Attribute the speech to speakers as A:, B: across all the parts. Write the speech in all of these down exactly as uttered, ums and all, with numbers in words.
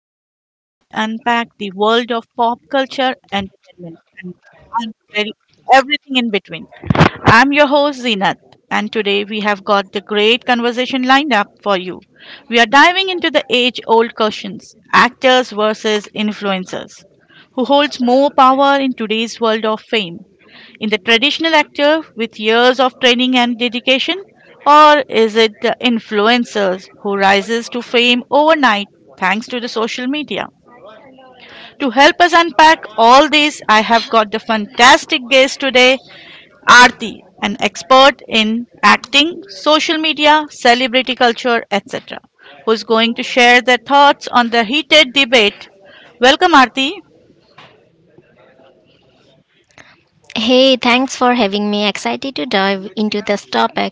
A: show where we unpack the world of pop culture, entertainment, and and very, everything in between. I'm your host, Zinat, and today we have got the great conversation lined up for you. We are diving into the age old questions actors versus influencers. Who holds more power in today's world of fame? In the traditional actor with years of training and dedication, or is it the influencers who rises to fame overnight thanks to the social media. To help us unpack all this, I have got the fantastic guest today, Aarti, an expert in acting, social media, celebrity culture, etc. Who's going to share their thoughts on the heated debate. Welcome, Aarti.
B: Hey, thanks for having me. Excited to dive into this topic.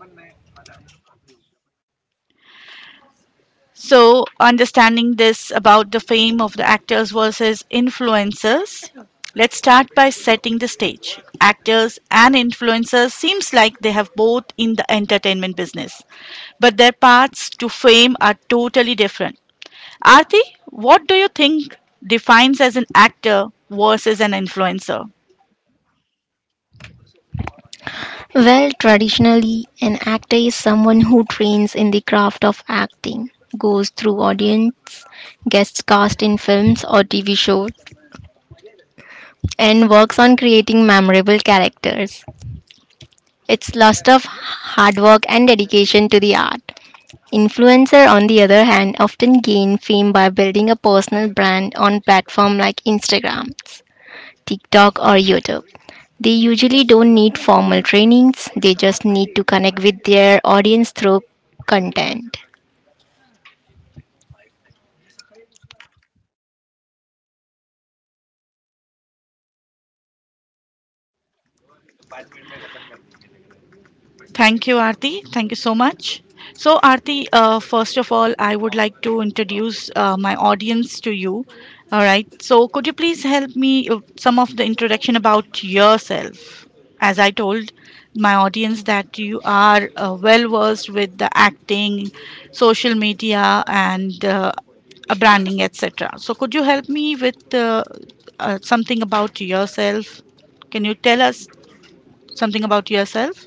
A: So, understanding this about the fame of the actors versus influencers, let's start by setting the stage. Actors and influencers seems like they have both in the entertainment business, but their paths to fame are totally different. Arti, what do you think defines as an actor versus an influencer?
B: Well, traditionally, an actor is someone who trains in the craft of acting, goes through audience, gets cast in films or T V shows, and works on creating memorable characters. It's lots of hard work and dedication to the art. Influencer, on the other hand, often gain fame by building a personal brand on platforms like Instagram, TikTok, or YouTube. They usually don't need formal trainings, they just need to connect with their audience through content.
A: Thank you, Aarti. Thank you so much. So, Aarti, uh, first of all, I would like to introduce uh, my audience to you. All right. So, could you please help me uh, some of the introduction about yourself? As I told my audience that you are uh, well versed with the acting, social media, and uh, uh, branding, et cetera. So, could you help me with uh, uh, something about yourself? Can you tell us something about yourself?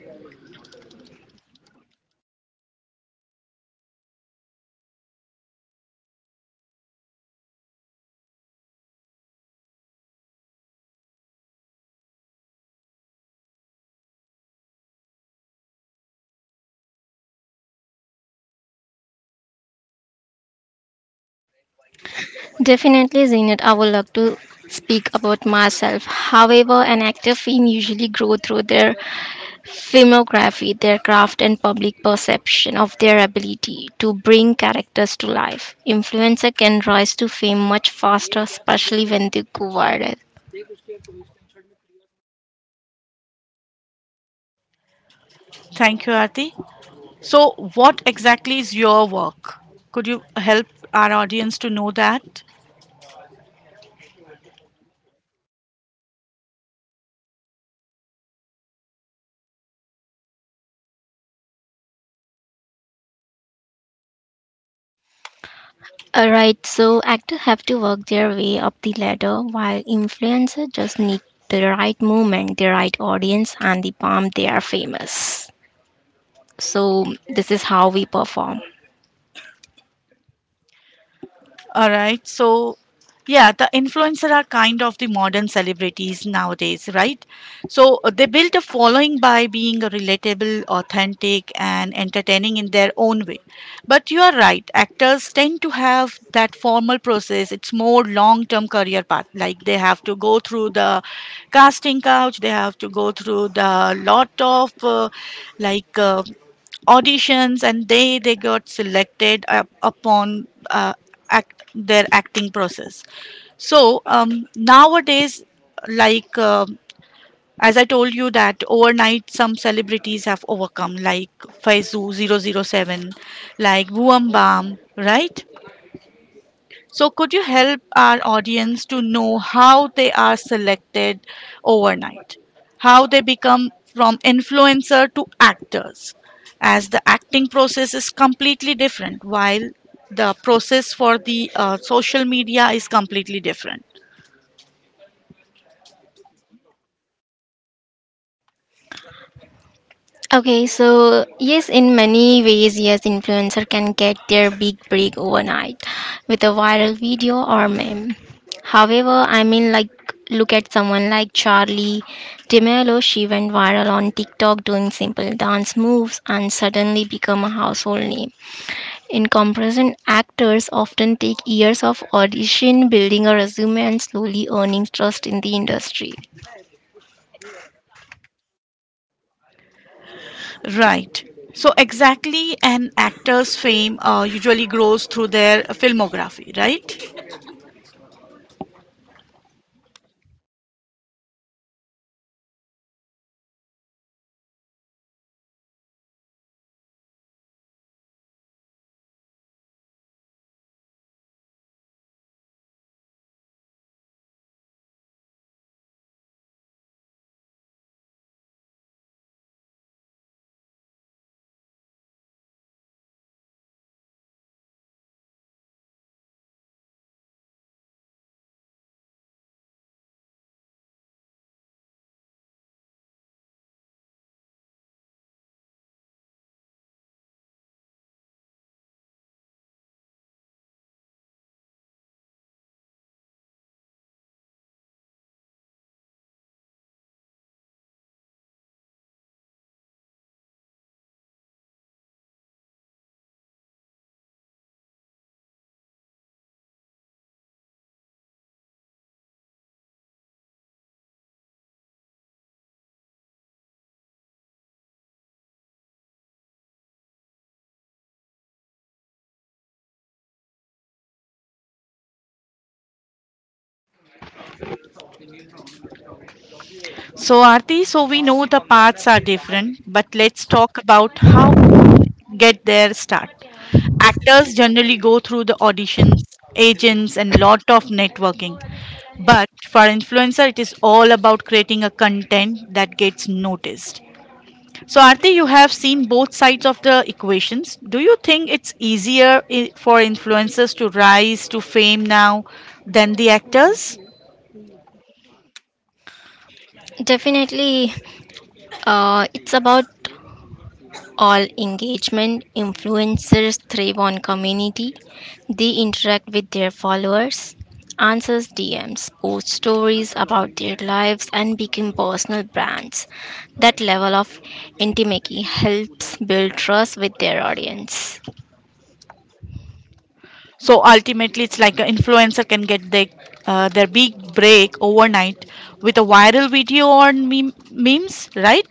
B: Definitely, Zinat. I would like to speak about myself. However, an actor fame usually grow through their filmography, their craft, and public perception of their ability to bring characters to life. Influencer can rise to fame much faster, especially when they go viral.
A: Thank you, Aarti. So, what exactly is your work? Could you help our audience to know that?
B: All right, so actors have to work their way up the ladder while influencers just need the right moment, the right audience, and the palm, they are famous. So, this is how we perform.
A: All right. So, yeah, the influencer are kind of the modern celebrities nowadays, right? So uh, they built a following by being relatable, authentic, and entertaining in their own way. But you are right. Actors tend to have that formal process. It's more long-term career path. Like they have to go through the casting couch. They have to go through the lot of uh, like uh, auditions, and they they got selected uh, upon uh, act, their acting process. So um, nowadays, like uh, as I told you, that overnight some celebrities have overcome, like Faizu zero zero seven, like Buam Bam, right? So, could you help our audience to know how they are selected overnight? How they become from influencer to actors, as the acting process is completely different, while the process for the uh, social media is completely different.
B: Okay, so yes, in many ways, yes, influencer can get their big break overnight with a viral video or meme. However, I mean, like, look at someone like Charlie DeMello. She went viral on TikTok doing simple dance moves and suddenly become a household name. In comparison, actors often take years of audition, building a resume, and slowly earning trust in the industry.
A: Right. So, exactly, an actor's fame uh, usually grows through their filmography, right? So, Aarti, so we know the paths are different, but let's talk about how each get their start. Actors generally go through the auditions, agents, and lot of networking. But for influencer, it is all about creating a content that gets noticed. So, Aarti, you have seen both sides of the equations. Do you think it's easier i- for influencers to rise to fame now than the actors?
B: Definitely, uh, it's about all engagement. Influencers thrive on community, they interact with their followers, answers D Ms, post stories about their lives, and become personal brands. That level of intimacy helps build trust with their audience.
A: So ultimately, it's like an influencer can get their uh, their big break overnight with a viral video or meme- memes, right?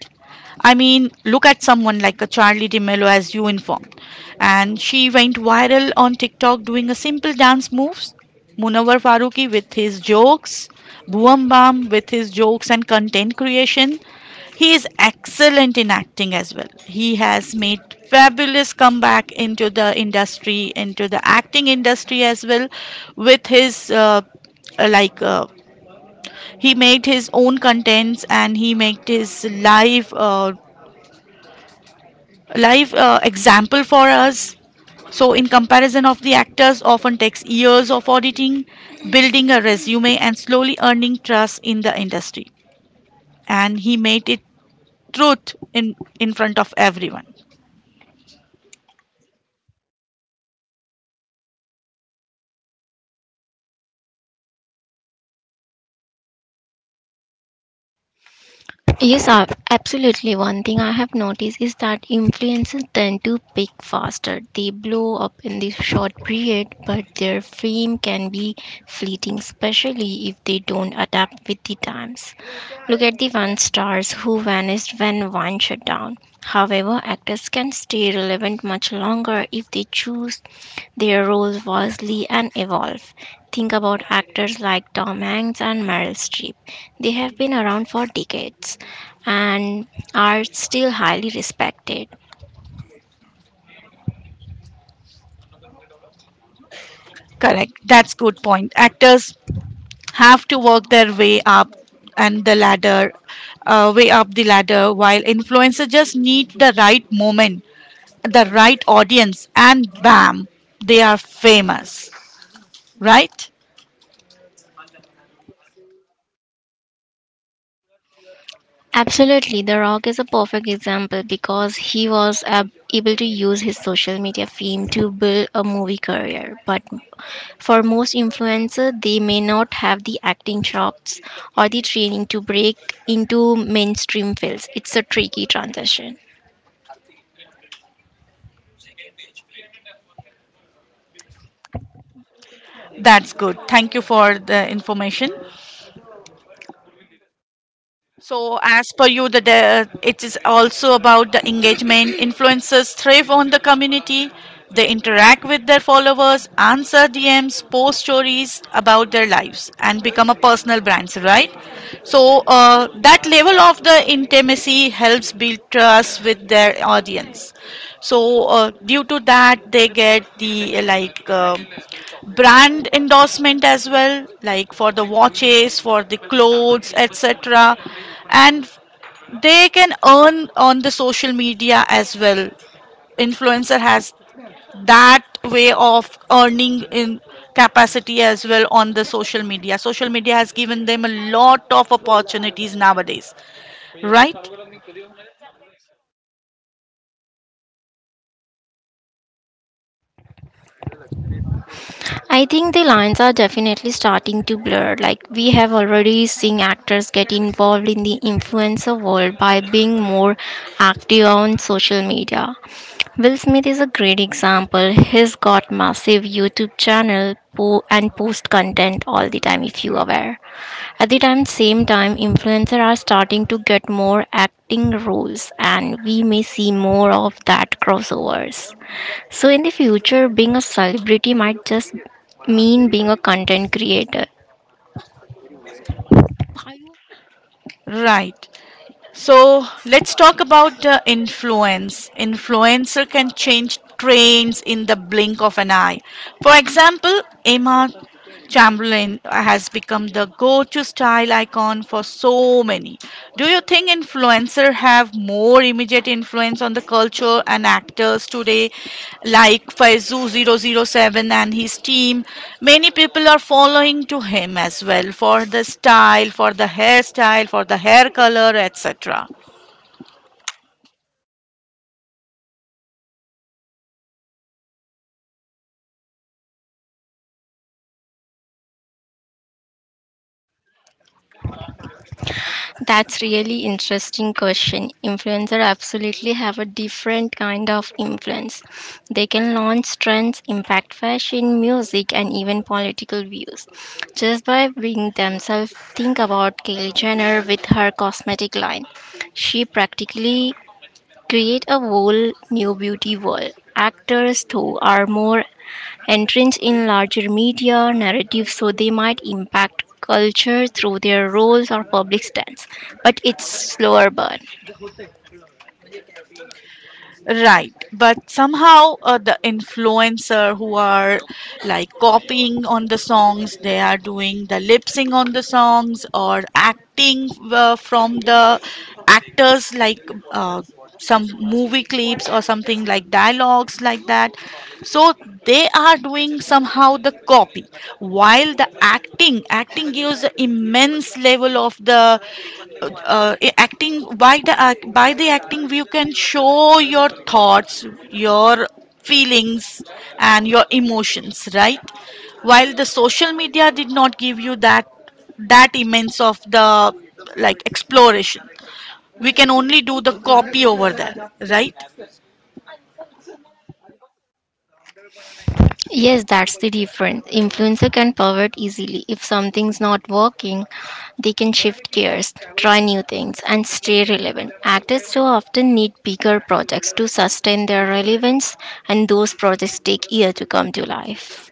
A: I mean, look at someone like a Charlie DeMello, as you informed, and she went viral on TikTok doing a simple dance moves. Munawar Faruqi with his jokes, Bhuam Bam with his jokes and content creation, he is excellent in acting as well. He has made fabulous comeback into the industry, into the acting industry as well, with his uh, uh, like uh, he made his own contents, and he made his live uh, live uh, example for us. So, in comparison of the actors, often takes years of auditing, building a resume, and slowly earning trust in the industry. And he made it truth in in front of everyone.
B: Yes, ab- absolutely. One thing I have noticed is that influencers tend to pick faster. They blow up in this short period, but their fame can be fleeting, especially if they don't adapt with the times. Look at the one stars who vanished when Vine shut down. However, actors can stay relevant much longer if they choose their roles vastly and evolve. Think about actors like Tom Hanks and Meryl Streep. They have been around for decades and are still highly respected.
A: Correct. That's good point. Actors have to work their way up and the ladder, uh, way up the ladder, while influencers just need the right moment, the right audience, and bam, they are famous. Right?
B: Absolutely, The Rock is a perfect example because he was ab- able to use his social media fame to build a movie career. But for most influencers, they may not have the acting chops or the training to break into mainstream films. It's a tricky transition.
A: That's good. Thank you for the information. So, as per you, the de- it is also about the engagement. Influencers thrive on the community. They interact with their followers, answer D Ms, post stories about their lives, and become a personal brands, right? So, uh, that level of the intimacy helps build trust with their audience. So, uh, due to that, they get the uh, like. um brand endorsement as well, like for the watches, for the clothes, etc. And they can earn on the social media as well. Influencer has that way of earning in capacity as well on the social media. Social media has given them a lot of opportunities nowadays, right?
B: I think the lines are definitely starting to blur. Like, we have already seen actors get involved in the influencer world by being more active on social media. Will Smith is a great example. He's got massive YouTube channel po- and post content all the time if you aware. At the time same time influencers are starting to get more acting roles, and we may see more of that crossovers. So in the future, being a celebrity might just mean being a content creator.
A: Right. So let's talk about uh, influence. Influencer can change trends in the blink of an eye. For example, Emma Chamberlain has become the go to style icon for so many. Do you think influence? Influencer have more immediate influence on the culture and actors today, like Faizu zero zero seven and his team. Many people are following to him as well for the style, for the hairstyle, for the hair color, et cetera.
B: That's really interesting question. Influencer absolutely have a different kind of influence. They can launch trends, impact fashion, music, and even political views just by being themselves. Think about Kylie Jenner with her cosmetic line. She practically create a whole new beauty world. Actors too are more entrance in larger media narratives, so they might impact culture through their roles or public stance, but it's slower burn.
A: Right, but somehow uh, the influencer who are like copying on the songs, they are doing the lip sync on the songs or acting uh, from the actors like uh, some movie clips or something like dialogues like that. So they are doing somehow the copy, while the acting acting gives immense level of the uh, i- acting. By the act by the acting you can show your thoughts, your feelings, and your emotions, right? While the social media did not give you that that immense of the like exploration. We can only do the copy over there, right?
B: Yes, that's the difference. Influencer can pivot easily if something's not working. They can shift gears, try new things, and stay relevant. Actors too often need bigger projects to sustain their relevance, and those projects take years to come to life.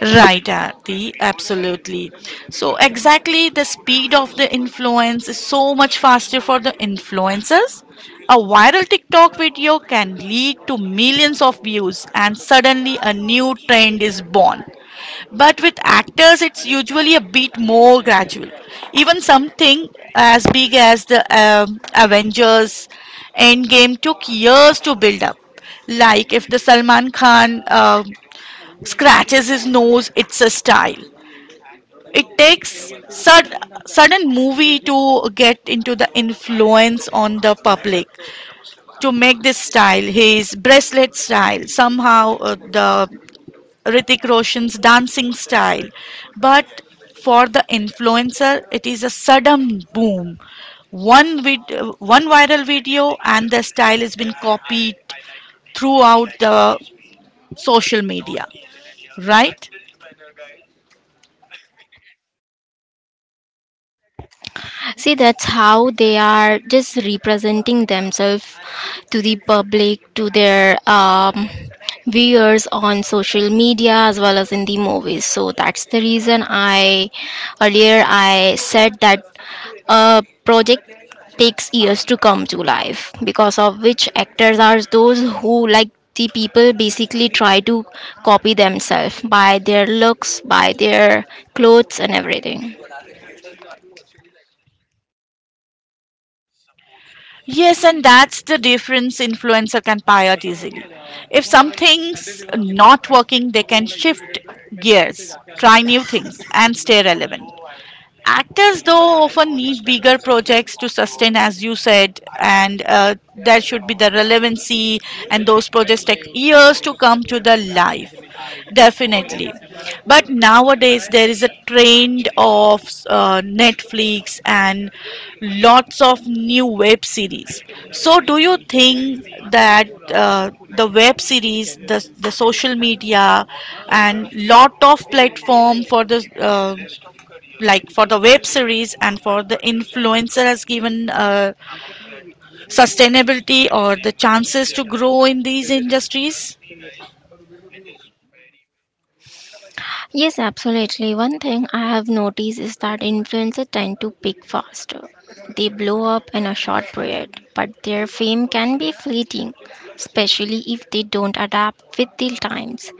A: Right, Arti, absolutely. So, exactly the speed of the influence is so much faster for the influencers. A viral TikTok video can lead to millions of views, and suddenly a new trend is born. But with actors, it's usually a bit more gradual. Even something as big as the um, Avengers Endgame took years to build up. Like if the Salman Khan uh, scratches his nose. It's a style. It takes sud- sudden movie to get into the influence on the public, to make this style his bracelet style somehow. Uh, the Ritik Roshan's dancing style, but for the influencer it is a sudden boom. One vid- uh, one viral video and the style has been copied throughout the social media, right?
B: See, that's how they are just representing themselves to the public, to their um, viewers on social media as well as in the movies. So that's the reason I earlier I said that a project takes years to come to life, because of which actors are those who like the people basically try to copy themselves by their looks, by their clothes, and everything.
A: Yes, and that's the difference. Influencer can pivot easily. If something's not working, they can shift gears, try new things, and stay relevant. Actors, though, often need bigger projects to sustain, as you said, and uh, there should be the relevancy, and those projects take years to come to the life, definitely. But nowadays, there is a trend of uh, Netflix and lots of new web series. So, do you think that uh, the web series, the, the social media, and lot of platform for the uh, like for the web series and for the influencer has given uh, sustainability or the chances to grow in these industries?
B: Yes, absolutely. One thing I have noticed is that influencers tend to peak faster. They blow up in a short period, but their fame can be fleeting, especially if they don't adapt with the times.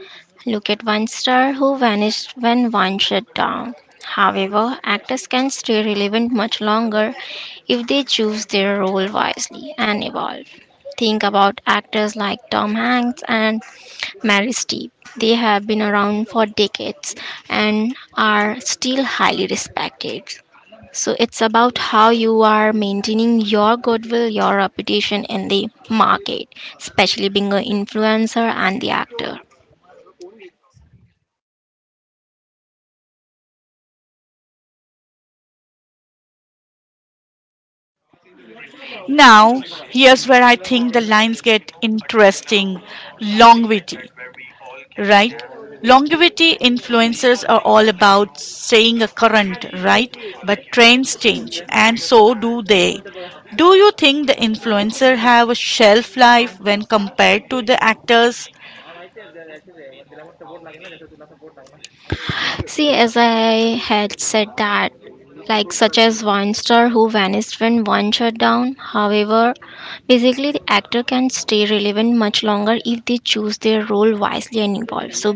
B: Look at one star who vanished when one shut down. However, actors can stay relevant much longer if they choose their role wisely and evolve. Think about actors like Tom Hanks and Mary's Tea. They have been around for decades and are still highly respected. So it's about how you are maintaining your goodwill, your reputation in the market, especially being an influencer and the actor.
A: Now here's where I think the lines get interesting. Longevity, right? Longevity. Influencers are all about staying a current, right? But trends change, and so do they. Do you think the influencer have a shelf life when compared to the actors?
B: See, as I had said that, like such as one star who vanished when one shut down. However, basically the actor can stay relevant much longer if they choose their role wisely and involve. So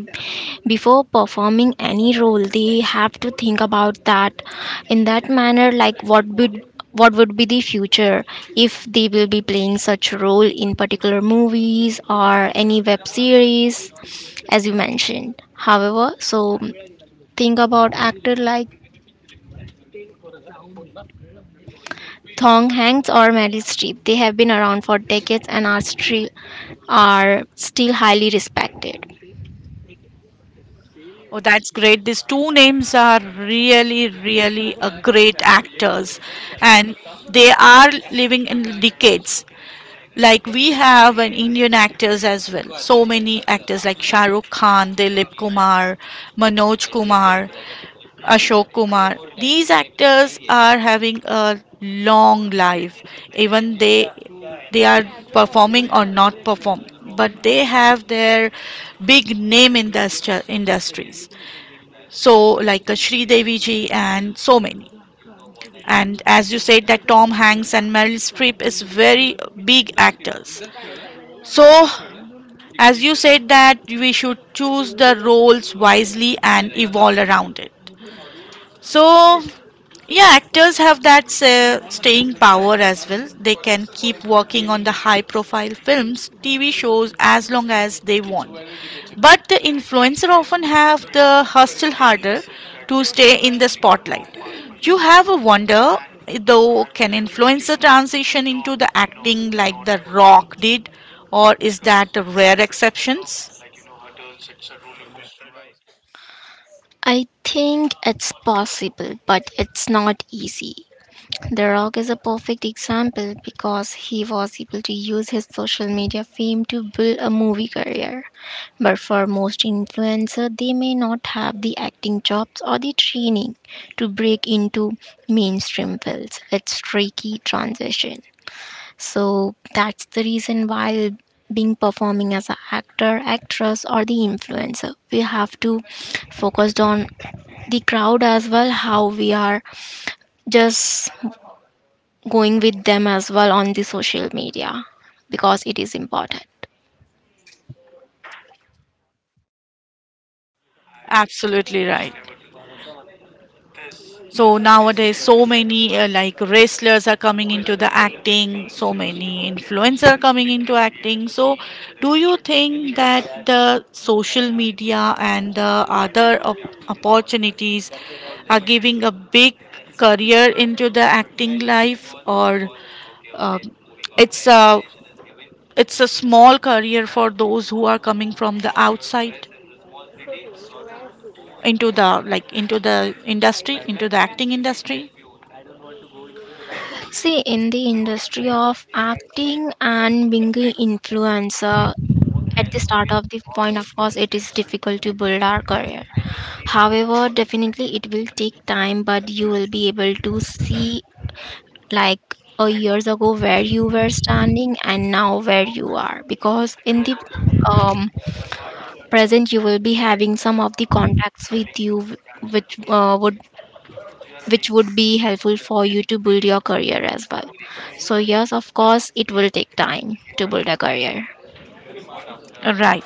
B: before performing any role they have to think about that in that manner, like what would what would be the future if they will be playing such role in particular movies or any web series, as you mentioned. However, so think about actor like Thong Hanks or Meryl Streep. They have been around for decades and are still are still highly respected.
A: Oh, that's great. These two names are really, really a great actors, and they are living in decades. Like we have an Indian actors as well. So many actors like Shah Rukh Khan, Dilip Kumar, Manoj Kumar, Ashok Kumar. These actors are having a long life. Even they they are performing or not perform, but they have their big name in the stu- industries. So, like uh, Sri Devi ji and so many. And as you said, that Tom Hanks and Meryl Streep is very big actors. So, as you said that we should choose the roles wisely and evolve around it. So, yeah, actors have that uh, staying power as well. They can keep working on the high profile films, T V shows as long as they want. But the influencer often have the hustle harder to stay in the spotlight. You have a wonder though, can influencer transition into the acting like The Rock did, or is that a rare exceptions?
B: I think it's possible, but it's not easy. The Rock is a perfect example because he was able to use his social media fame to build a movie career. But for most influencers, they may not have the acting jobs or the training to break into mainstream films. It's tricky transition. So that's the reason why, being performing as an actor, actress, or the influencer, we have to focus on the crowd as well, how we are just going with them as well on the social media, because it is important.
A: Absolutely right. So nowadays, so many uh, like wrestlers are coming into the acting, so many influencers are coming into acting. So, do you think that the social media and the other op- opportunities are giving a big career into the acting life, or um it's a it's a small career for those who are coming from the outside into the like into the industry, into the acting industry?
B: See, in the industry of acting and being an influencer, at the start of the point, of course it is difficult to build our career. However, definitely it will take time, but you will be able to see like a years ago where you were standing and now where you are, because in the um, present you will be having some of the contacts with you wh- which uh, would, which would be helpful for you to build your career as well. So yes, of course it will take time to build a career.
A: Right.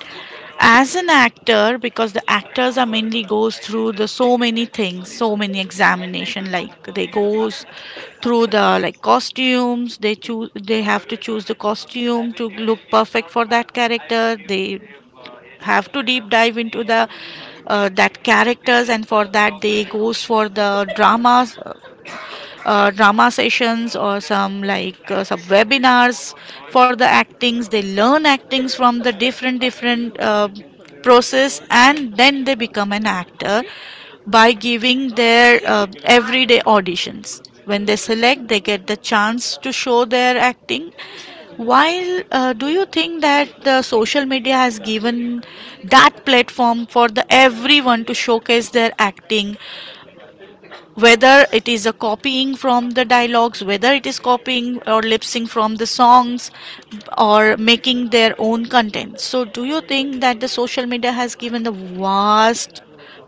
A: As an actor, because the actors are mainly goes through the so many things, so many examination. Like they goes through the like costumes. They choose. They have to choose the costume to look perfect for that character. They have to deep dive into the uh, that characters, and for that they goes for the dramas uh, uh, drama sessions or some like uh, some webinars for the actings they learn actings from the different different uh, process and then they become an actor by giving their uh, everyday auditions when they select they get the chance to show their acting. While uh, Do you think that the social media has given that platform for the everyone to showcase their acting, whether it is a copying from the dialogues, whether it is copying or lip sync from the songs, or making their own content? So do you think that the social media has given the vast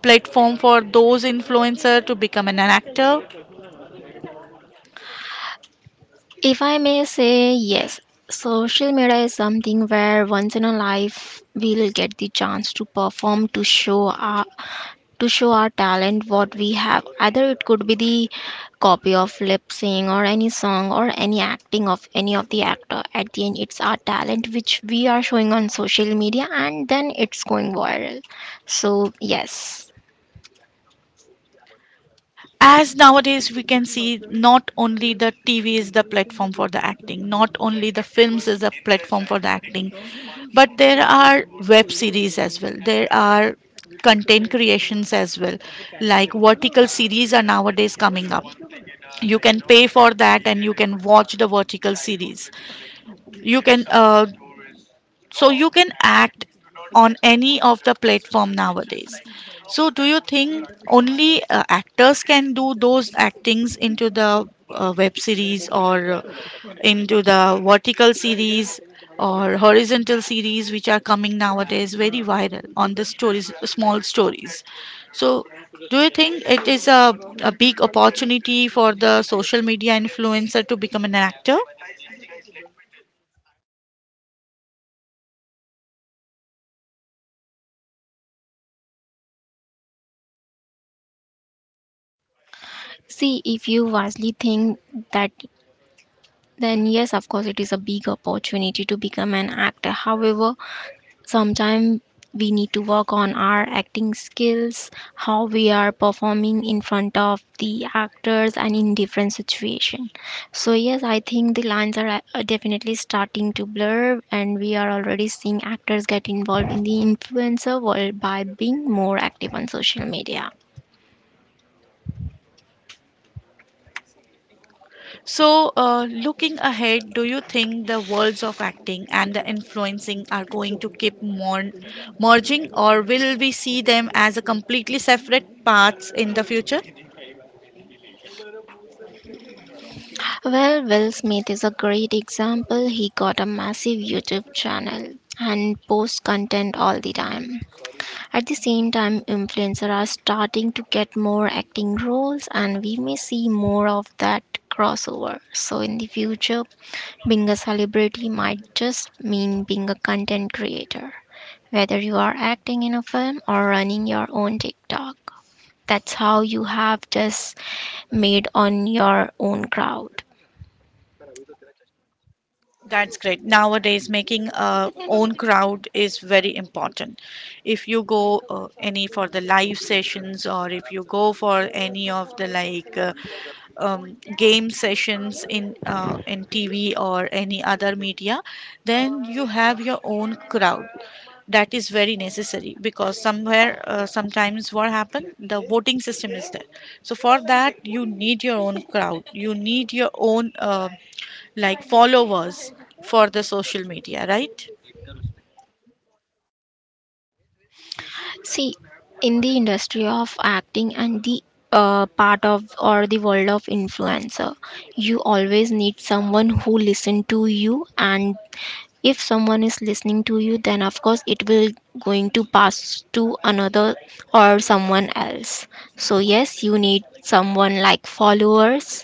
A: platform for those influencer to become an actor?
B: If I may say, yes, social media is something where once in a life we'll get the chance to perform, to show our to show our talent, what we have. Either it could be the copy of lip sync or any song or any acting of any of the actor. At the end, it's our talent which we are showing on social media, and then it's going viral. So yes.
A: As nowadays we can see, not only the tv is the platform for the acting, not only the films is a platform for the acting, but there are web series as well, there are content creations as well, like vertical series are nowadays coming up. You can pay for that and you can watch the vertical series. You can uh, so you can act on any of the platform nowadays. So do you think only uh, actors can do those actings into the uh, web series or uh, into the vertical series or horizontal series which are coming nowadays very viral on the stories, small stories? So do you think it is a, a big opportunity for the social media influencer to become an actor?
B: See, if you wisely think that, then yes, of course it is a big opportunity to become an actor. However, sometimes we need to work on our acting skills, how we are performing in front of the actors and in different situations. So yes, I think the lines are uh, definitely starting to blur, and we are already seeing actors get involved in the influencer world by being more active on social media.
A: So, uh, looking ahead, do you think the worlds of acting and the influencing are going to keep mon- merging, or will we see them as a completely separate paths in the future?
B: Well, Will Smith is a great example. He got a massive YouTube channel and posts content all the time. At the same time, influencers are starting to get more acting roles, and we may see more of that crossover. So, in the future, being a celebrity might just mean being a content creator, whether you are acting in a film or running your own TikTok. That's how you have just made on your own crowd.
A: That's great. Nowadays, making a own crowd is very important. If you go uh, any for the live sessions, or if you go for any of the like uh, um, game sessions in uh, in T V or any other media, then you have your own crowd. That is very necessary because somewhere, uh, sometimes what happen, the voting system is there. So for that, you need your own crowd. You need your own uh, like followers for the social media, right?
B: See, in the industry of acting and the uh, part of or the world of influencer, you always need someone who listen to you, and if someone is listening to you, then of course it will going to pass to another or someone else. So yes, you need someone like followers,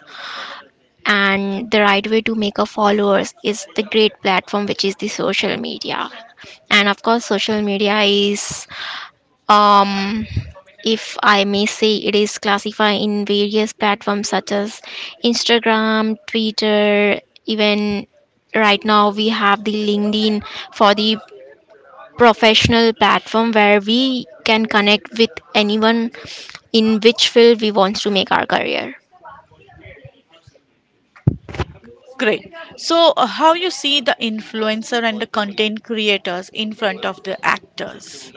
B: and the right way to make a followers is the great platform, which is the social media. And of course, social media is, um if I may say, it is classified in various platforms such as Instagram, Twitter, even right now we have the LinkedIn for the professional platform where we can connect with anyone in which field we want to make our career.
A: Great. So, uh, how you see the influencer and the content creators in front of the actors?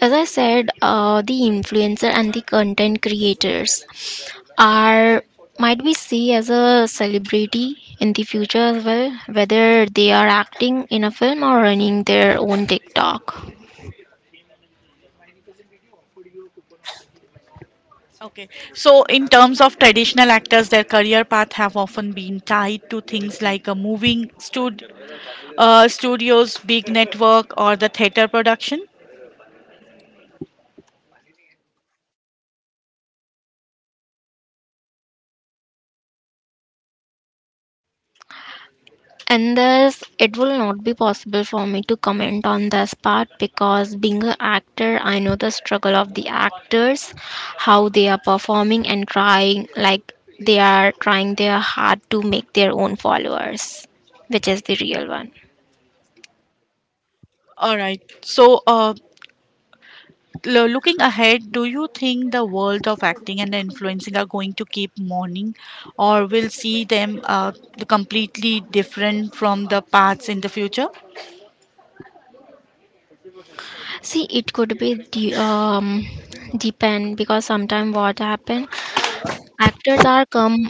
B: As I said, uh, the influencer and the content creators are might be see as a celebrity in the future as well, whether they are acting in a film or running their own TikTok.
A: Okay. So, in terms of traditional actors, their career path have often been tied to things like a moving stud- uh, studios, big network, or the theater production.
B: And thus, it will not be possible for me to comment on this part, because being an actor, I know the struggle of the actors, how they are performing and trying, like they are trying their hard to make their own followers, which is the real one.
A: All right. So, uh, Lo- Looking ahead, do you think the world of acting and influencing are going to keep mourning, or will see them uh, completely different from the paths in the future?
B: See, it could be de- um, depend, because sometimes what happen, actors are come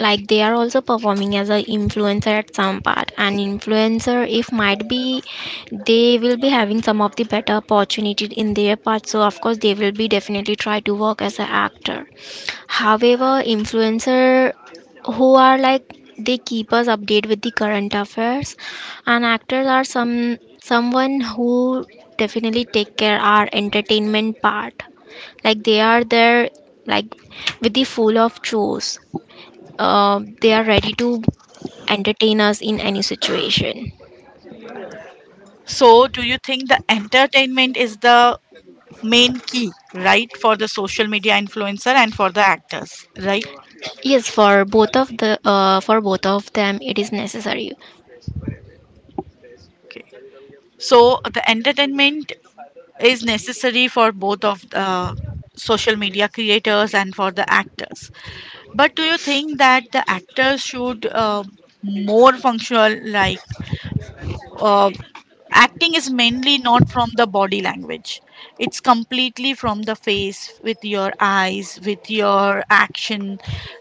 B: like they are also performing as a influencer at some part. And influencer, if might be, they will be having some of the better opportunity in their part. So of course, they will be definitely try to work as an actor. However, influencer who are like they keep us update with the current affairs, and actors are some someone who definitely take care our entertainment part, like they are there, like with the full of chores, uh, they are ready to entertain us in any situation.
A: So, do you think the entertainment is the main key, right, for the social media influencer and for the actors, right?
B: Yes, for both of the uh, for both of them it is necessary.
A: Okay. So, the entertainment is necessary for both of the social media creators and for the actors. But do you think that the actors should uh, more functional, like uh, acting is mainly not from the body language. It's completely from the face with your eyes, with your action,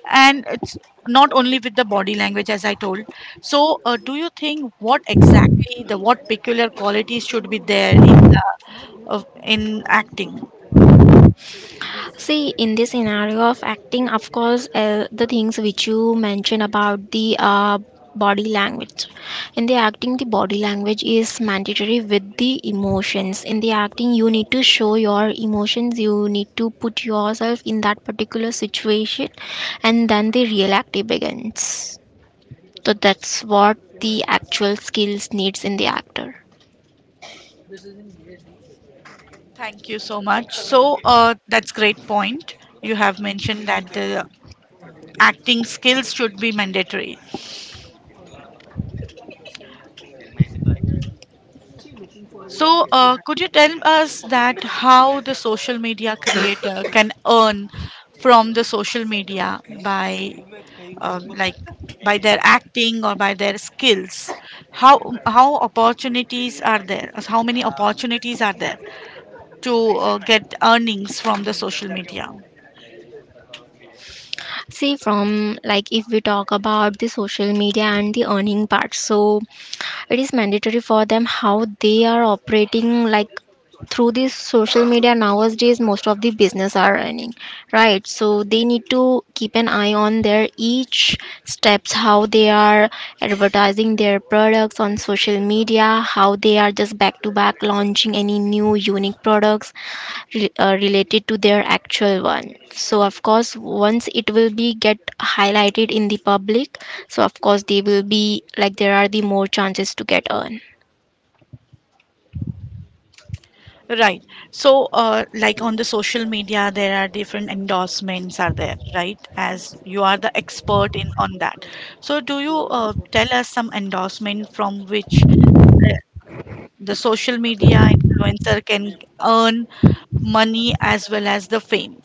A: and it's not only with the body language as I told. So uh, do you think what exactly the what peculiar qualities should be there in uh, of- in acting?
B: See, in this scenario of acting, of course, uh, the things which you mentioned about the uh, body language. In the acting, the body language is mandatory with the emotions. In the acting, you need to show your emotions, you need to put yourself in that particular situation, and then the real acting begins. So, that's what the actual skills needs in the actor.
A: Thank you so much. So uh, that's great point. You have mentioned that the acting skills should be mandatory. So, uh, could you tell us that how the social media creator can earn from the social media by uh, like by their acting or by their skills? How how opportunities are there? How many opportunities are there to uh, get earnings from the social media?
B: See, from like if we talk about the social media and the earning part, so it is mandatory for them how they are operating, like through this social media nowadays most of the business are running, right? So they need to keep an eye on their each steps, how they are advertising their products on social media, how they are just back to back launching any new unique products re- uh, related to their actual one. So of course, once it will be get highlighted in the public, so of course they will be like there are the more chances to get earn.
A: Right. So, uh, like on the social media, there are different endorsements are there, right? As you are the expert in on that. So, do you uh, tell us some endorsement from which the social media influencer can earn money as well as the fame?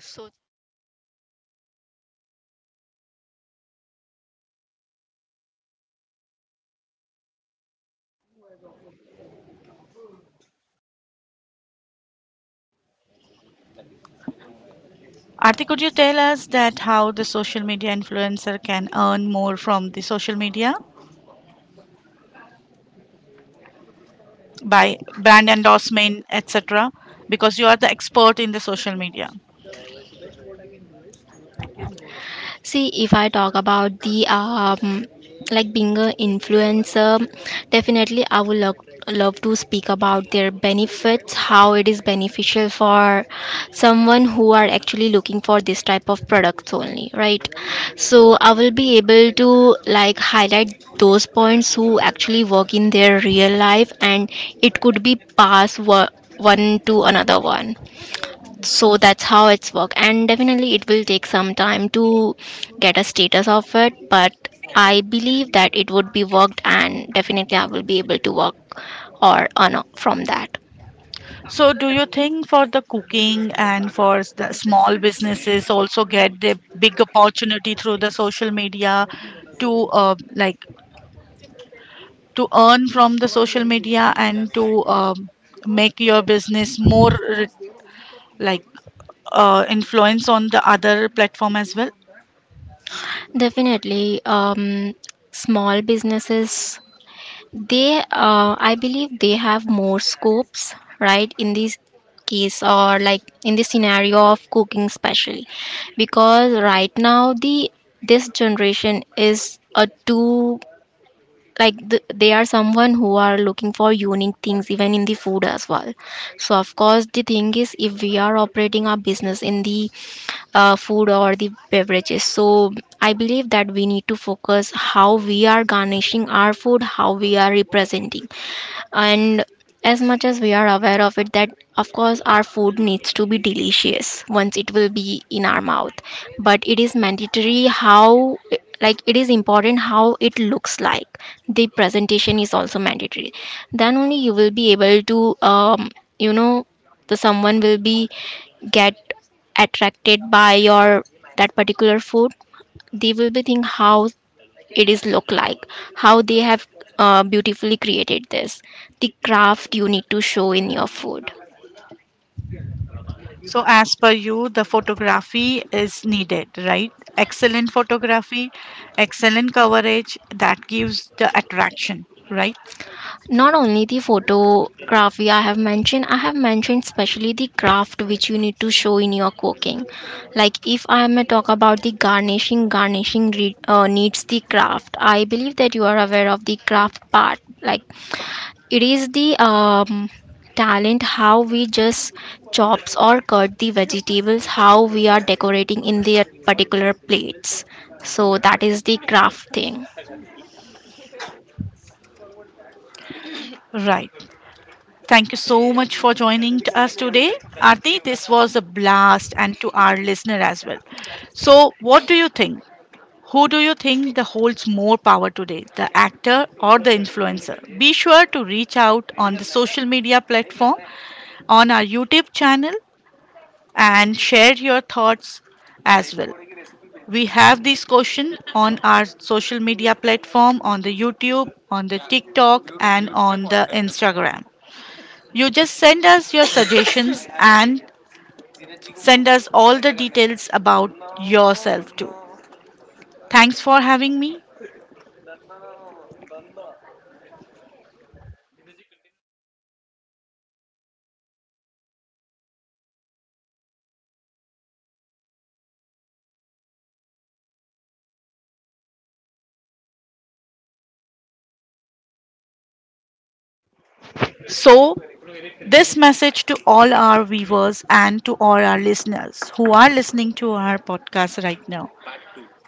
B: So
A: Arti, could you tell us that how the social media influencer can earn more from the social media by brand endorsement, et cetera? Because you are the expert in the social media.
B: see, if I talk about the um, like being a influencer, definitely I would love love to speak about their benefits, how it is beneficial for someone who are actually looking for this type of products only, right? So I will be able to like highlight those points who actually work in their real life, and it could be pass wo- one to another one. So that's how it's work, and definitely it will take some time to get a status of it, but I believe that it would be worked and definitely I will be able to work or earn from that.
A: So, do you think for the cooking and for s- the small businesses also get the big opportunity through the social media to uh, like to earn from the social media and to um, make your business more re- like uh, influence on the other platform as well?
B: Definitely, um, small businesses, they uh, I believe they have more scopes, right? In this case, or like in the scenario of cooking especially, because right now the this generation is a too, like th- they are someone who are looking for unique things even in the food as well. So of course, the thing is, if we are operating our business in the uh, food or the beverages, so I believe that we need to focus how we are garnishing our food, how we are representing. And as much as we are aware of it, that of course our food needs to be delicious once it will be in our mouth, but it is mandatory how, like it is important how it looks like. The presentation is also mandatory, then only you will be able to um, you know, the someone will be get attracted by your that particular food. They will be think how it is look like, how they have uh, beautifully created this. The craft you need to show in your food.
A: So, as per you, the photography is needed, right? Excellent photography, excellent coverage that gives the attraction, right?
B: Not only the photography, I have mentioned, I have mentioned especially the craft which you need to show in your cooking. Like, if I may talk about the garnishing, garnishing re- uh, needs the craft. I believe that you are aware of the craft part. Like, it is the um, talent how we just chops or cut the vegetables, how we are decorating in the particular plates. So that is the craft thing.
A: Right. Thank you so much for joining to us today, Aarti. This was a blast, and to our listener as well. So, what do you think? Who do you think that holds more power today, the actor or the influencer? Be sure to reach out on the social media platform, on our YouTube channel, and share your thoughts as well. We have this question on our social media platform, on the YouTube, on the TikTok, and on the Instagram. You just send us your suggestions and send us all the details about yourself too. Thanks for having me. So, this message to all our viewers and to all our listeners who are listening to our podcast right now.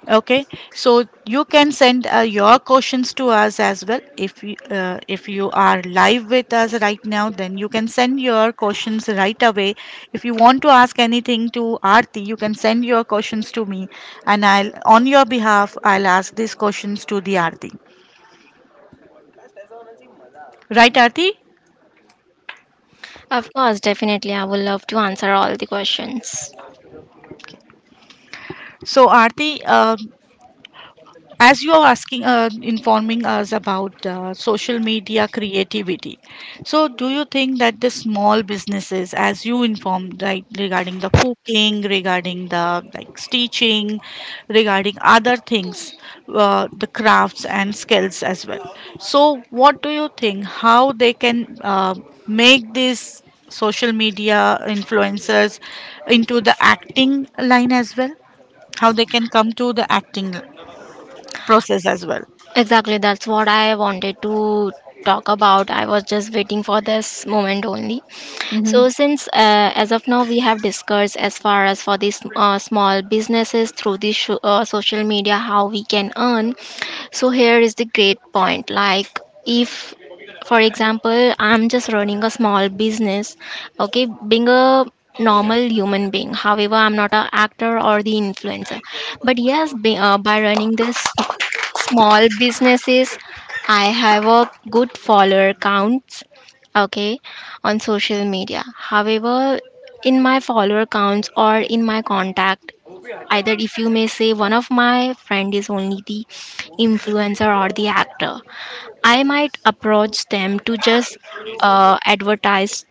A: Okay, so you can send uh, your questions to us as well. If you, uh, if you are live with us right now, then you can send your questions right away. If you want to ask anything to Aarti, you can send your questions to me, and I'll, on your behalf, I'll ask these questions to the Aarti. Right, Aarti?
B: Of course, definitely, I would love to answer all the questions.
A: So, Aarti, uh, as you are asking uh, informing us about uh, social media creativity, so do you think that the small businesses, as you informed, right, regarding the cooking, regarding the like stitching, regarding other things, uh, the crafts and skills as well, so what do you think, how they can uh, make these social media influencers into the acting line as well, how they can come to the acting process as well?
B: Exactly, that's what I wanted to talk about. I was just waiting for this moment only.
A: Mm-hmm.
B: So, since uh, as of now we have discussed as far as for these uh, small businesses, through this sho- uh, social media how we can earn. So, here is the great point, like, if for example, I'm just running a small business, okay, being a normal human being, however I'm not an actor or the influencer, but yes, be, uh, by running this small businesses I have a good follower counts, okay, on social media. However, in my follower counts or in my contact, either if you may say one of my friend is only the influencer or the actor, I might approach them to just uh, advertise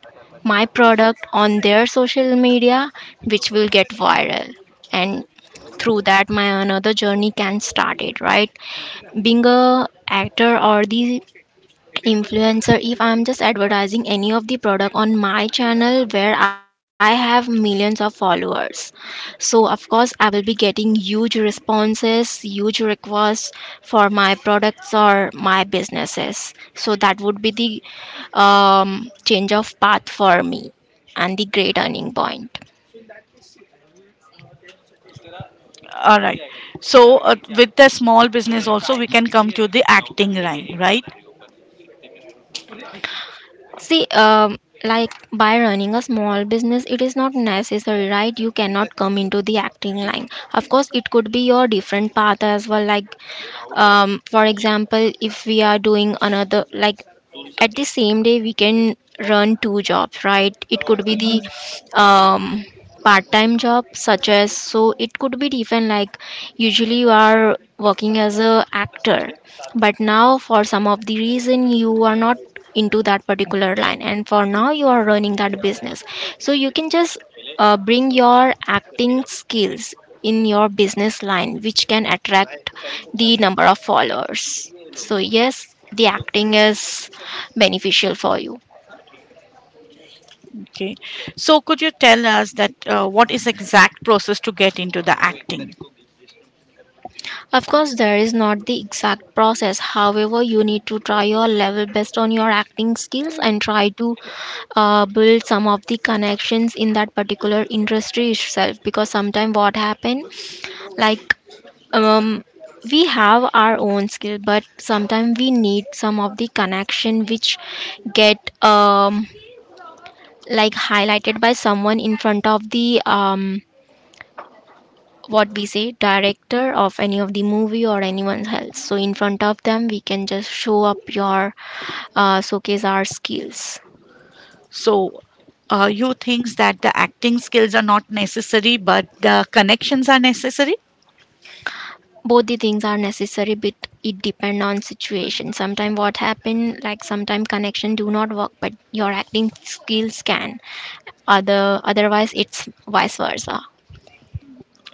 B: my product on their social media, which will get viral. And through that, my another journey can start it, right? Being a actor or the influencer, if I'm just advertising any of the product on my channel where I have millions of followers, so of course I will be getting huge responses, huge requests for my products or my businesses. So that would be the um, change of path for me and the great earning point.
A: All right. So, uh, with the small business also we can come to the acting line, right?
B: See, um, like by running a small business, it is not necessary, right? You cannot come into the acting line. Of course, it could be your different path as well. Like, um, for example, if we are doing another, like at the same day, we can run two jobs, right? It could be the um, part-time job, such as. So it could be different, like usually you are working as a actor, but now for some of the reason you are not into that particular line, and for now you are running that business. So you can just uh, bring your acting skills in your business line, which can attract the number of followers. So yes, the acting is beneficial for you.
A: Okay, so could you tell us that uh, what is exact process to get into the acting?
B: Of course, there is not the exact process. However, you need to try your level best on your acting skills and try to uh, build some of the connections in that particular industry itself. Because sometimes what happen, like um, we have our own skill, but sometimes we need some of the connection which get um, like highlighted by someone in front of the um, what we say, director of any of the movie or anyone else. So in front of them we can just show up your uh, showcase our skills.
A: So, uh, you thinks that the acting skills are not necessary but the connections are necessary?
B: Both the things are necessary, but it depend on situation. Sometimes what happen, like sometimes connection do not work but your acting skills can, other otherwise it's vice versa.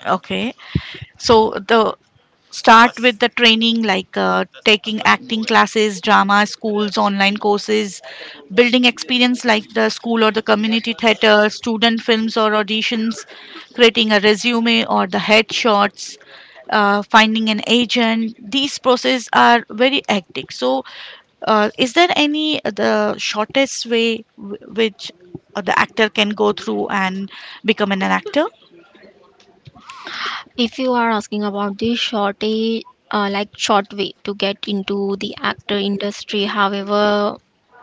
A: Okay, so the start with the training, like uh, taking acting classes, drama schools, online courses, building experience like the school or the community theater, student films or auditions, creating a resume or the headshots, uh, finding an agent. These processes are very hectic, so uh, is there any uh, the shortest way w- which uh, the actor can go through and become an actor?
B: If you are asking about the shortage, uh, like short way to get into the actor industry, however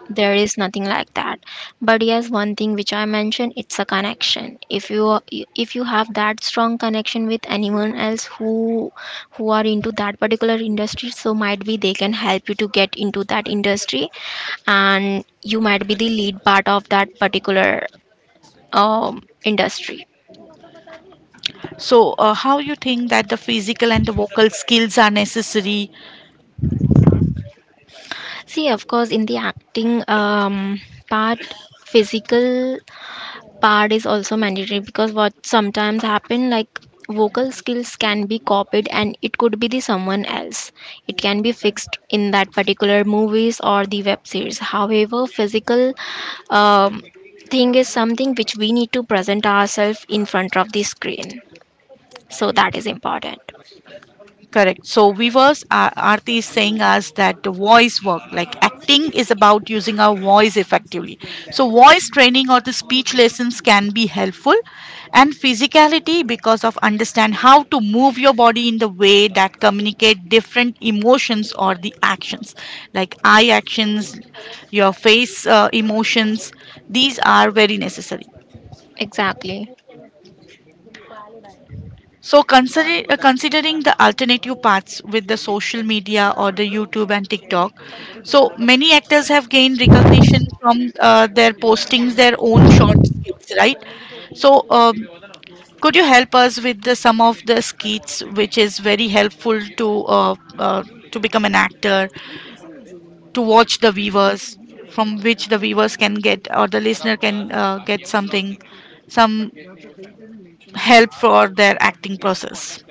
B: there is nothing like that. But yes, one thing which I mentioned, it's a connection. If you are- if you have that strong connection with anyone else who who are into that particular industry, so might be they can help you to get into that industry, and you might be the lead part of that particular um, industry.
A: So, uh, how you think that the physical and the vocal skills are necessary?
B: See, of course, in the acting um, part, physical part is also mandatory, because what sometimes happen, like vocal skills can be copied and it could be the someone else. It can be fixed in that particular movies or the web series. However, physical um, thing is something which we need to present ourselves in front of the screen, so that is important.
A: Correct. So, viewers, uh, Aarti is saying us that the voice work, like acting, is about using our voice effectively. So, voice training or the speech lessons can be helpful, and physicality, because of understand how to move your body in the way that communicate different emotions or the actions, like eye actions, your face uh, emotions. These are very necessary.
B: Exactly.
A: So, considering uh, considering the alternative paths with the social media or the YouTube and TikTok, so many actors have gained recognition from uh, their postings, their own short skits, right? So, um, could you help us with the, some of the skits which is very helpful to uh, uh, to become an actor, to watch the viewers, from which the viewers can get or the listener can uh, get something, some help for their acting process?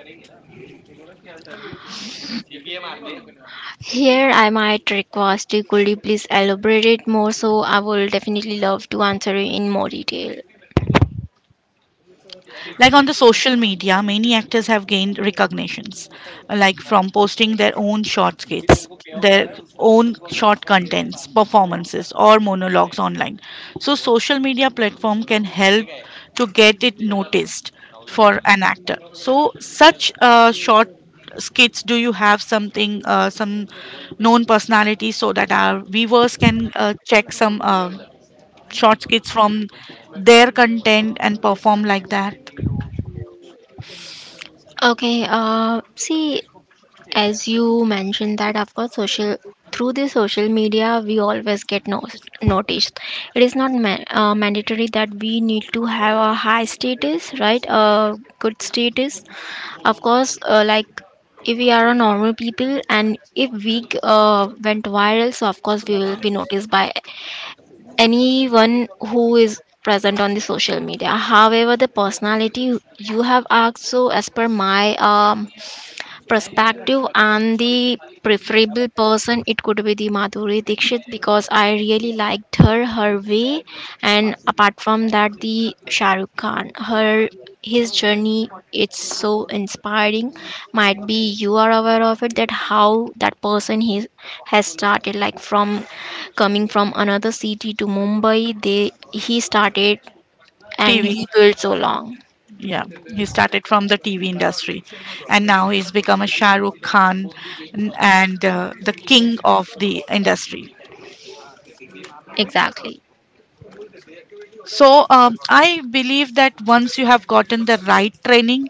B: Here I might request, you could you please elaborate it more, so I will definitely love to answer it in more detail.
A: Like on the social media, many actors have gained recognitions, like from posting their own short skits, their own short contents, performances, or monologues online. So social media platform can help to get it noticed for an actor. So such uh, short skits, do you have something, uh, some known personalities, so that our viewers can uh, check some uh, short skits from their content and perform like that?
B: Okay, uh, see, as you mentioned that of course social, through the social media we always get no- noticed. It is not ma- uh, mandatory that we need to have a high status, right? A good status. Of course, uh, like if we are a normal people and if we uh, went viral, so of course we will be noticed by anyone who is present on the social media. However, the personality you have asked, so as per my um, perspective and the preferable person, it could be the Madhuri Dixit, because I really liked her, her way. And apart from that, the Shahrukh Khan, her his journey, it's so inspiring. Might be you are aware of it, that how that person he has started, like from coming from another city to Mumbai, they, he started and
A: T V.
B: he built so long.
A: Yeah, he started from the T V industry, and now he's become a Shah Rukh Khan and uh, the king of the industry.
B: Exactly.
A: So um, I believe that once you have gotten the right training,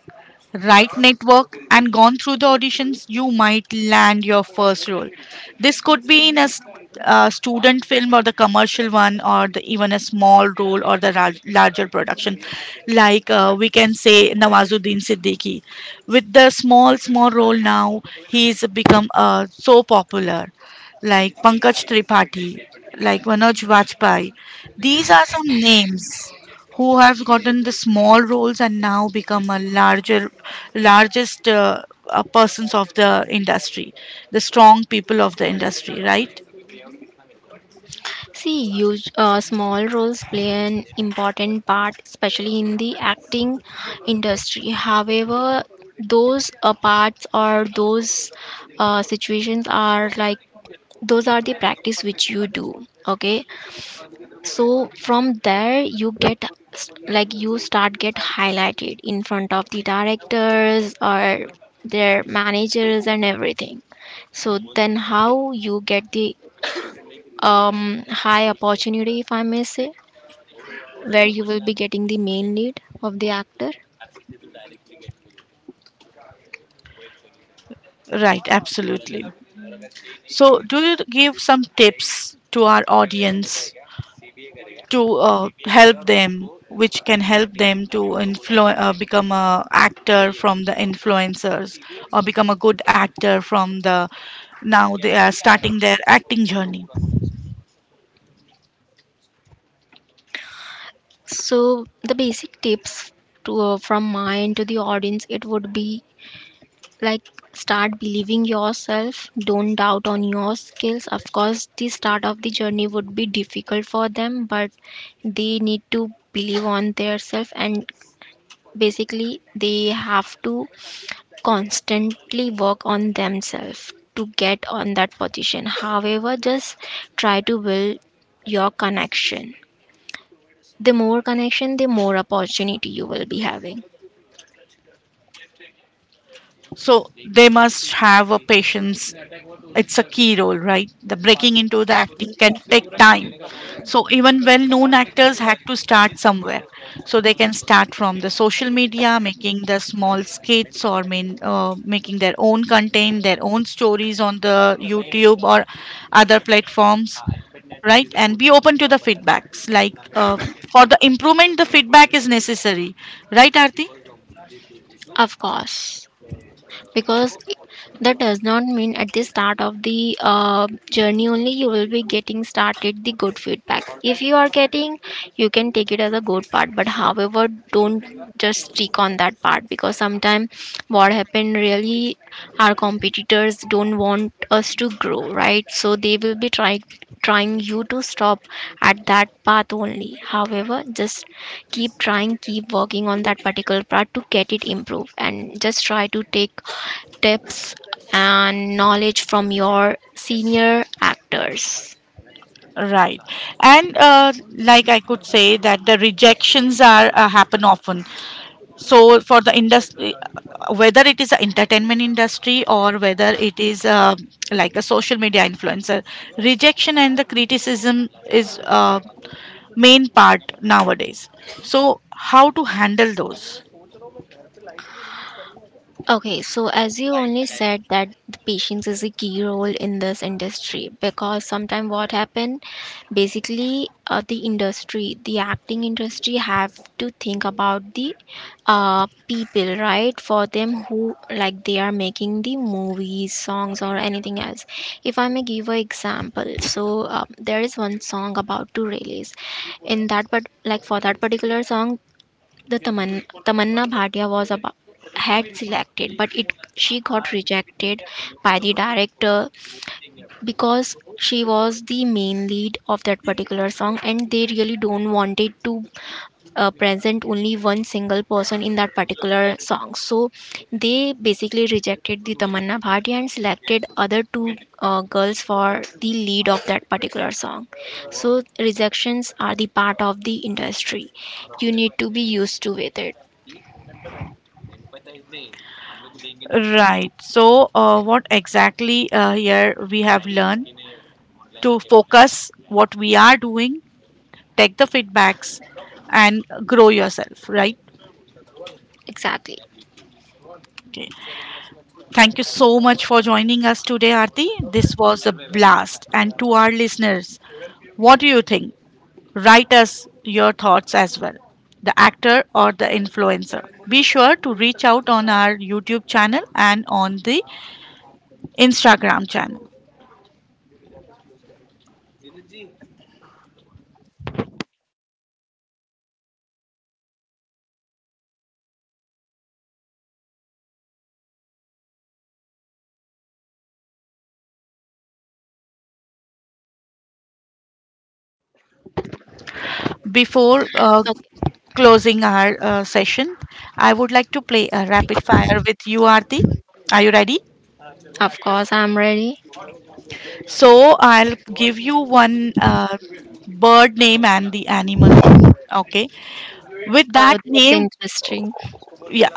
A: right network, and gone through the auditions, you might land your first role. This could be in a s- uh, student film or the commercial one, or the, even a small role or the rar- larger production, like uh, we can say Nawazuddin Siddiqui. With the small, small role now, he is become uh, so popular, like Pankaj Tripathi, like Manoj Vajpayee. These are some names who have gotten the small roles and now become a larger, largest uh, uh, persons of the industry, the strong people of the industry, right?
B: See, huge, uh, small roles play an important part, especially in the acting industry. However, those uh, parts or those uh, situations are like, those are the practice which you do. Okay, so from there you get s- like you start get highlighted in front of the directors or their managers and everything. So then, how you get the um, high opportunity, if I may say? Where you will be getting the main lead of the actor.
A: Right, absolutely. So, do you give some tips to our audience to uh, help them, which can help them to influ- uh, become a actor from the influencers, or become a good actor from the, now they are starting their acting journey,
B: So, the basic tips to, uh, from my end to the audience, it would be like, start believing yourself, don't doubt on your skills. Of course, the start of the journey would be difficult for them, but they need to believe on their self, and basically they have to constantly work on themselves to get on that position. However, just try to build your connection. The more connection, the more opportunity you will be having.
A: so they must have a patience. It's a key role, right? The breaking into the acting
B: Exactly.
A: can take time. So even well-known actors had to start somewhere. So they can start from the social media, making the small skits or main, uh, making their own content, their own stories on the YouTube or other platforms, right? And be open to the feedbacks like uh, for the improvement, the feedback is necessary, right, Arti?
B: Of course. Because that does not mean at the start of the uh, journey only you will be getting started the good feedback. If you are getting, you can take it as a good part, but however, don't just stick on that part, because sometimes what happened really, our competitors don't want us to grow, right? So they will be trying trying you to stop at that path only. However, just keep trying, keep working on that particular part to get it improved, and just try to take tips and knowledge from your senior actors.
A: Right, and uh, like I could say that the rejections are uh, happen often. So for the industry, whether it is an entertainment industry or whether it is uh, like a social media influencer, rejection and the criticism is uh, main part nowadays. So how to handle those,
B: Okay, so as you only said that the patience is a key role in this industry, because sometimes what happen, basically uh, the industry, the acting industry have to think about the uh, people, right? For them who like they are making the movies, songs or anything else. If I may give an example, so uh, there is one song about to release. In that, but like for that particular song, the Taman- Tamanna Bhatia was about, had selected, but it she got rejected by the director, because she was the main lead of that particular song, and they really don't wanted to uh, present only one single person in that particular song. So they basically rejected the Tamanna Bhatia and selected other two uh, girls for the lead of that particular song. So rejections are the part of the industry. You need to be used to with it.
A: right? So uh, what exactly uh, here we have learned: to focus what we are doing, take the feedbacks, and grow yourself, right?
B: Exactly.
A: Okay. Thank you so much for joining us today, Arti. This was a blast. And to our listeners, what do you think? Write us your thoughts as well. The actor or the influencer. Be sure to reach out on our YouTube channel and on the Instagram channel. Before uh,
B: Okay.
A: closing our uh, session, I would like to play a rapid fire with you, Arti. Are you ready?
B: Of course, I'm ready.
A: So I'll give you one uh, bird name and the animal name. Okay. With that
B: Oh, that's
A: name.
B: interesting.
A: Yeah.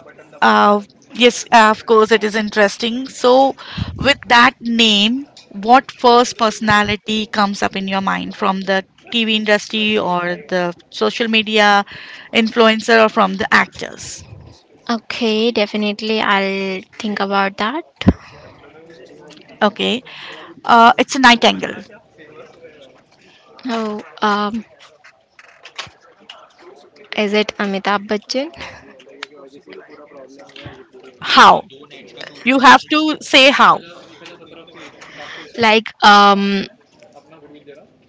A: uh, yes, uh, of course it is interesting. So with that name, what first personality comes up in your mind from the TV industry, or the social media influencer, or from the actors?
B: Okay, definitely, I'll think about that.
A: Okay, uh, it's a nightingale.
B: Oh, um, is it Amitabh Bachchan?
A: How? You have to say how.
B: Like, um,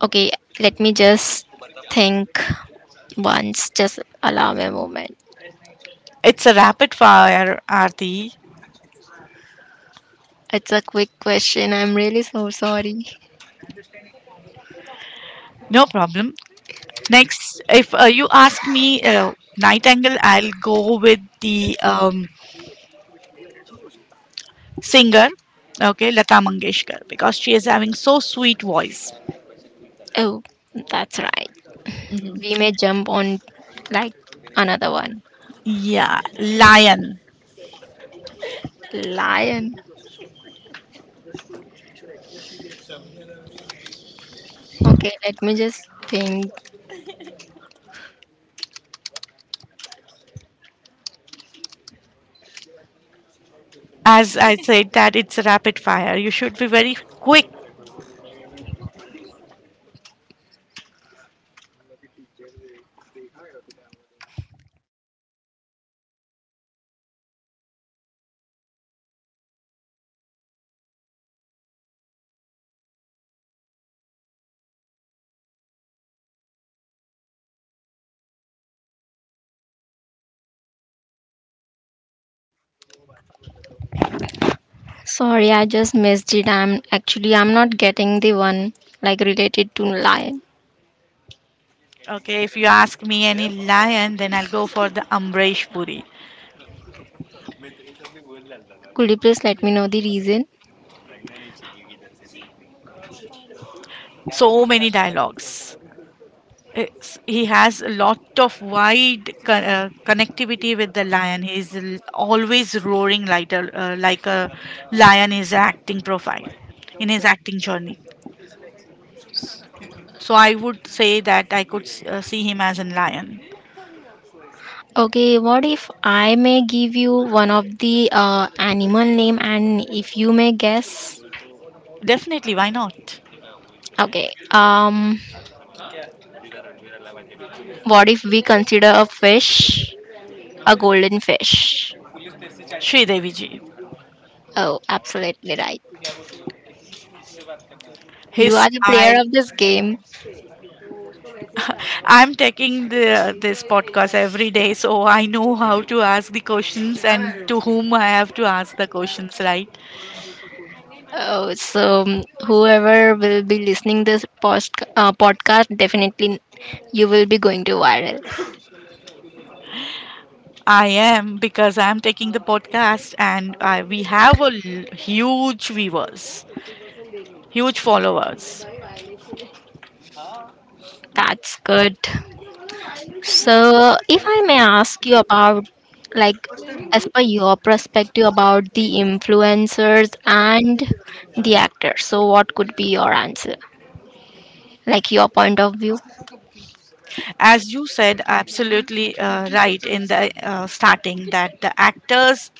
B: okay, let me just think once. Just allow me a moment.
A: It's a rapid fire, Arti.
B: It's a quick question. I'm really so sorry.
A: No problem. Next, if uh, you ask me uh, nightingale, I'll go with the um, singer, okay, Lata Mangeshkar, because she is having so sweet voice.
B: Oh, that's right.
A: Hmm.
B: We may jump on, like, another one.
A: Yeah, lion.
B: Lion. Okay, let me just think.
A: As I said, that it's rapid fire. You should be very quick.
B: Sorry, I just missed it. I'm actually I'm not getting the one like related to lion.
A: Okay, if you ask me any lion, then I'll go for the Ambrish Puri.
B: Could you please let me know the reason?
A: So many dialogues. It's, he has a lot of wide con- uh, connectivity with the lion. He's l- always roaring like a, uh, like a lion in his acting profile, in his acting journey. So I would say that I could uh, see him as a lion.
B: Okay, what if I may give you one of the uh, animal name and if you may guess?
A: Definitely, why not?
B: Okay. Um what if we consider a fish, a golden fish?
A: Sri Devi ji.
B: Oh, absolutely right. You
A: His
B: are the
A: style.
B: player of this game.
A: I'm taking the, this podcast every day, so I know how to ask the questions and to whom I have to ask the questions, right?
B: Oh, so um, whoever will be listening this post uh, podcast, definitely you will be going to viral.
A: I am, because I'm taking the podcast, and I, we have a l- huge viewers, huge followers.
B: That's good. So, if I may ask you about, like, as per your perspective about the influencers and the actors, so what could be your answer? Like, your point of view?
A: As you said, absolutely uh, right in the uh, starting, that the actors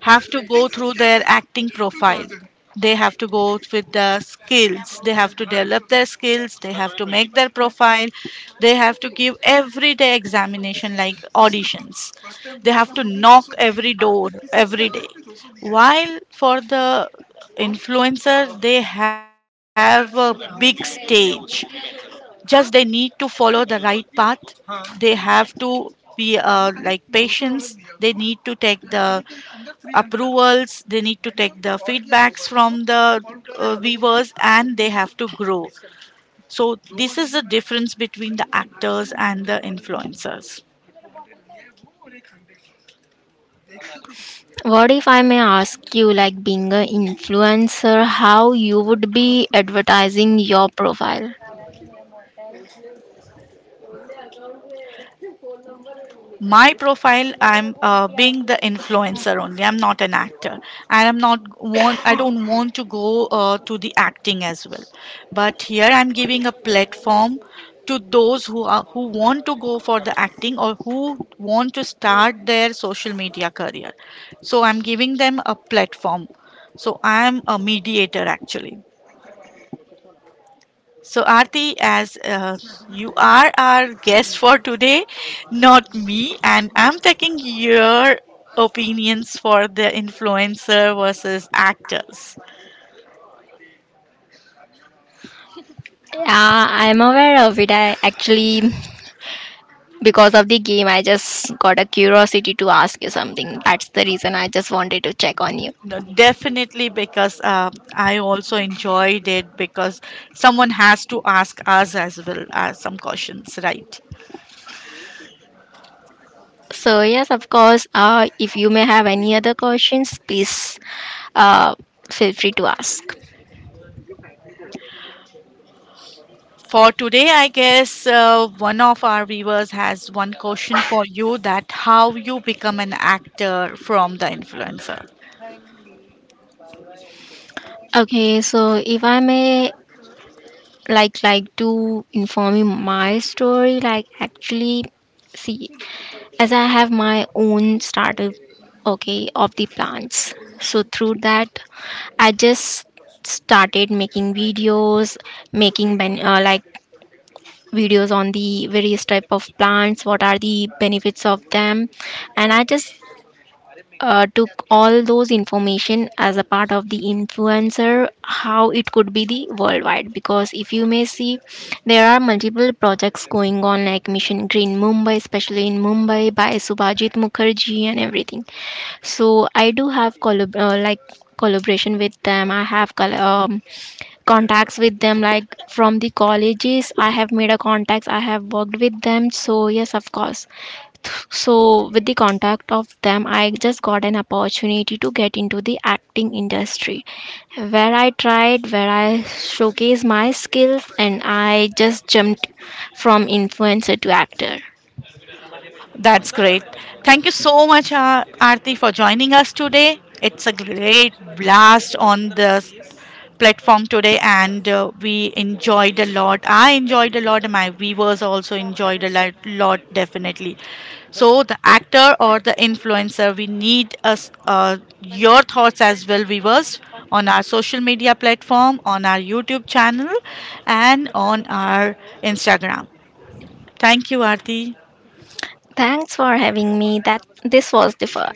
A: have to go through their acting profile. They have to go with the skills. They have to develop their skills. They have to make their profile. They have to give every day examination like auditions. They have to knock every door every day. While for the influencer, they have a big stage, just they need to follow the right path. They have to be uh, like patients. They need to take the approvals, they need to take the feedbacks from the uh, viewers, and they have to grow. So this is the difference between the actors and the influencers.
B: What if I may ask you, like, being an influencer, how you would be advertising your profile?
A: My profile, I'm uh, being the influencer only. I'm not an actor, and i'm not want i don't want to go uh, to the acting as well. But here I'm giving a platform to those who are who want to go for the acting, or who want to start their social media career. So I'm giving them a platform. So I'm a mediator, actually. So, Aarti, as uh, you are our guest for today, not me, and I'm taking your opinions for the influencer versus actors.
B: Yeah, I'm aware of it. I actually, because of the game, I just got a curiosity to ask you something. That's the reason I just wanted to check on you.
A: No, definitely, because uh, I also enjoyed it, because someone has to ask us as well as some questions, right?
B: So, yes, of course, uh, if you may have any other questions, please uh, feel free to ask.
A: For today, I guess uh, one of our viewers has one question for you: that how you become an actor from the influencer.
B: Okay, so if I may like like to inform you my story, like actually, see, as I have my own startup, okay, of the plants. So through that, I just started making videos, making ben- uh, like videos on the various type of plants, what are the benefits of them. And I just uh, took all those information as a part of the influencer, how it could be the worldwide. Because if you may see, there are multiple projects going on, like Mission Green Mumbai, especially in Mumbai, by Subhajit Mukherjee and everything. So I do have collab- uh, like collaboration with them. I have col- um, contacts with them, like from the colleges I have made a contacts, I have worked with them, so yes, of course. So with the contact of them, I just got an opportunity to get into the acting industry, where I tried, where I showcased my skills, and I just jumped from influencer to actor.
A: That's great. Thank you so much, Ar- Aarti, for joining us today. It's a great blast on this platform today, and uh, we enjoyed a lot. I enjoyed a lot, and my viewers also enjoyed a lot, lot definitely. So, the actor or the influencer, we need us uh, your thoughts as well, viewers, on our social media platform, on our YouTube channel, and on our Instagram. Thank you, Aarti.
B: Thanks for having me, that this was the first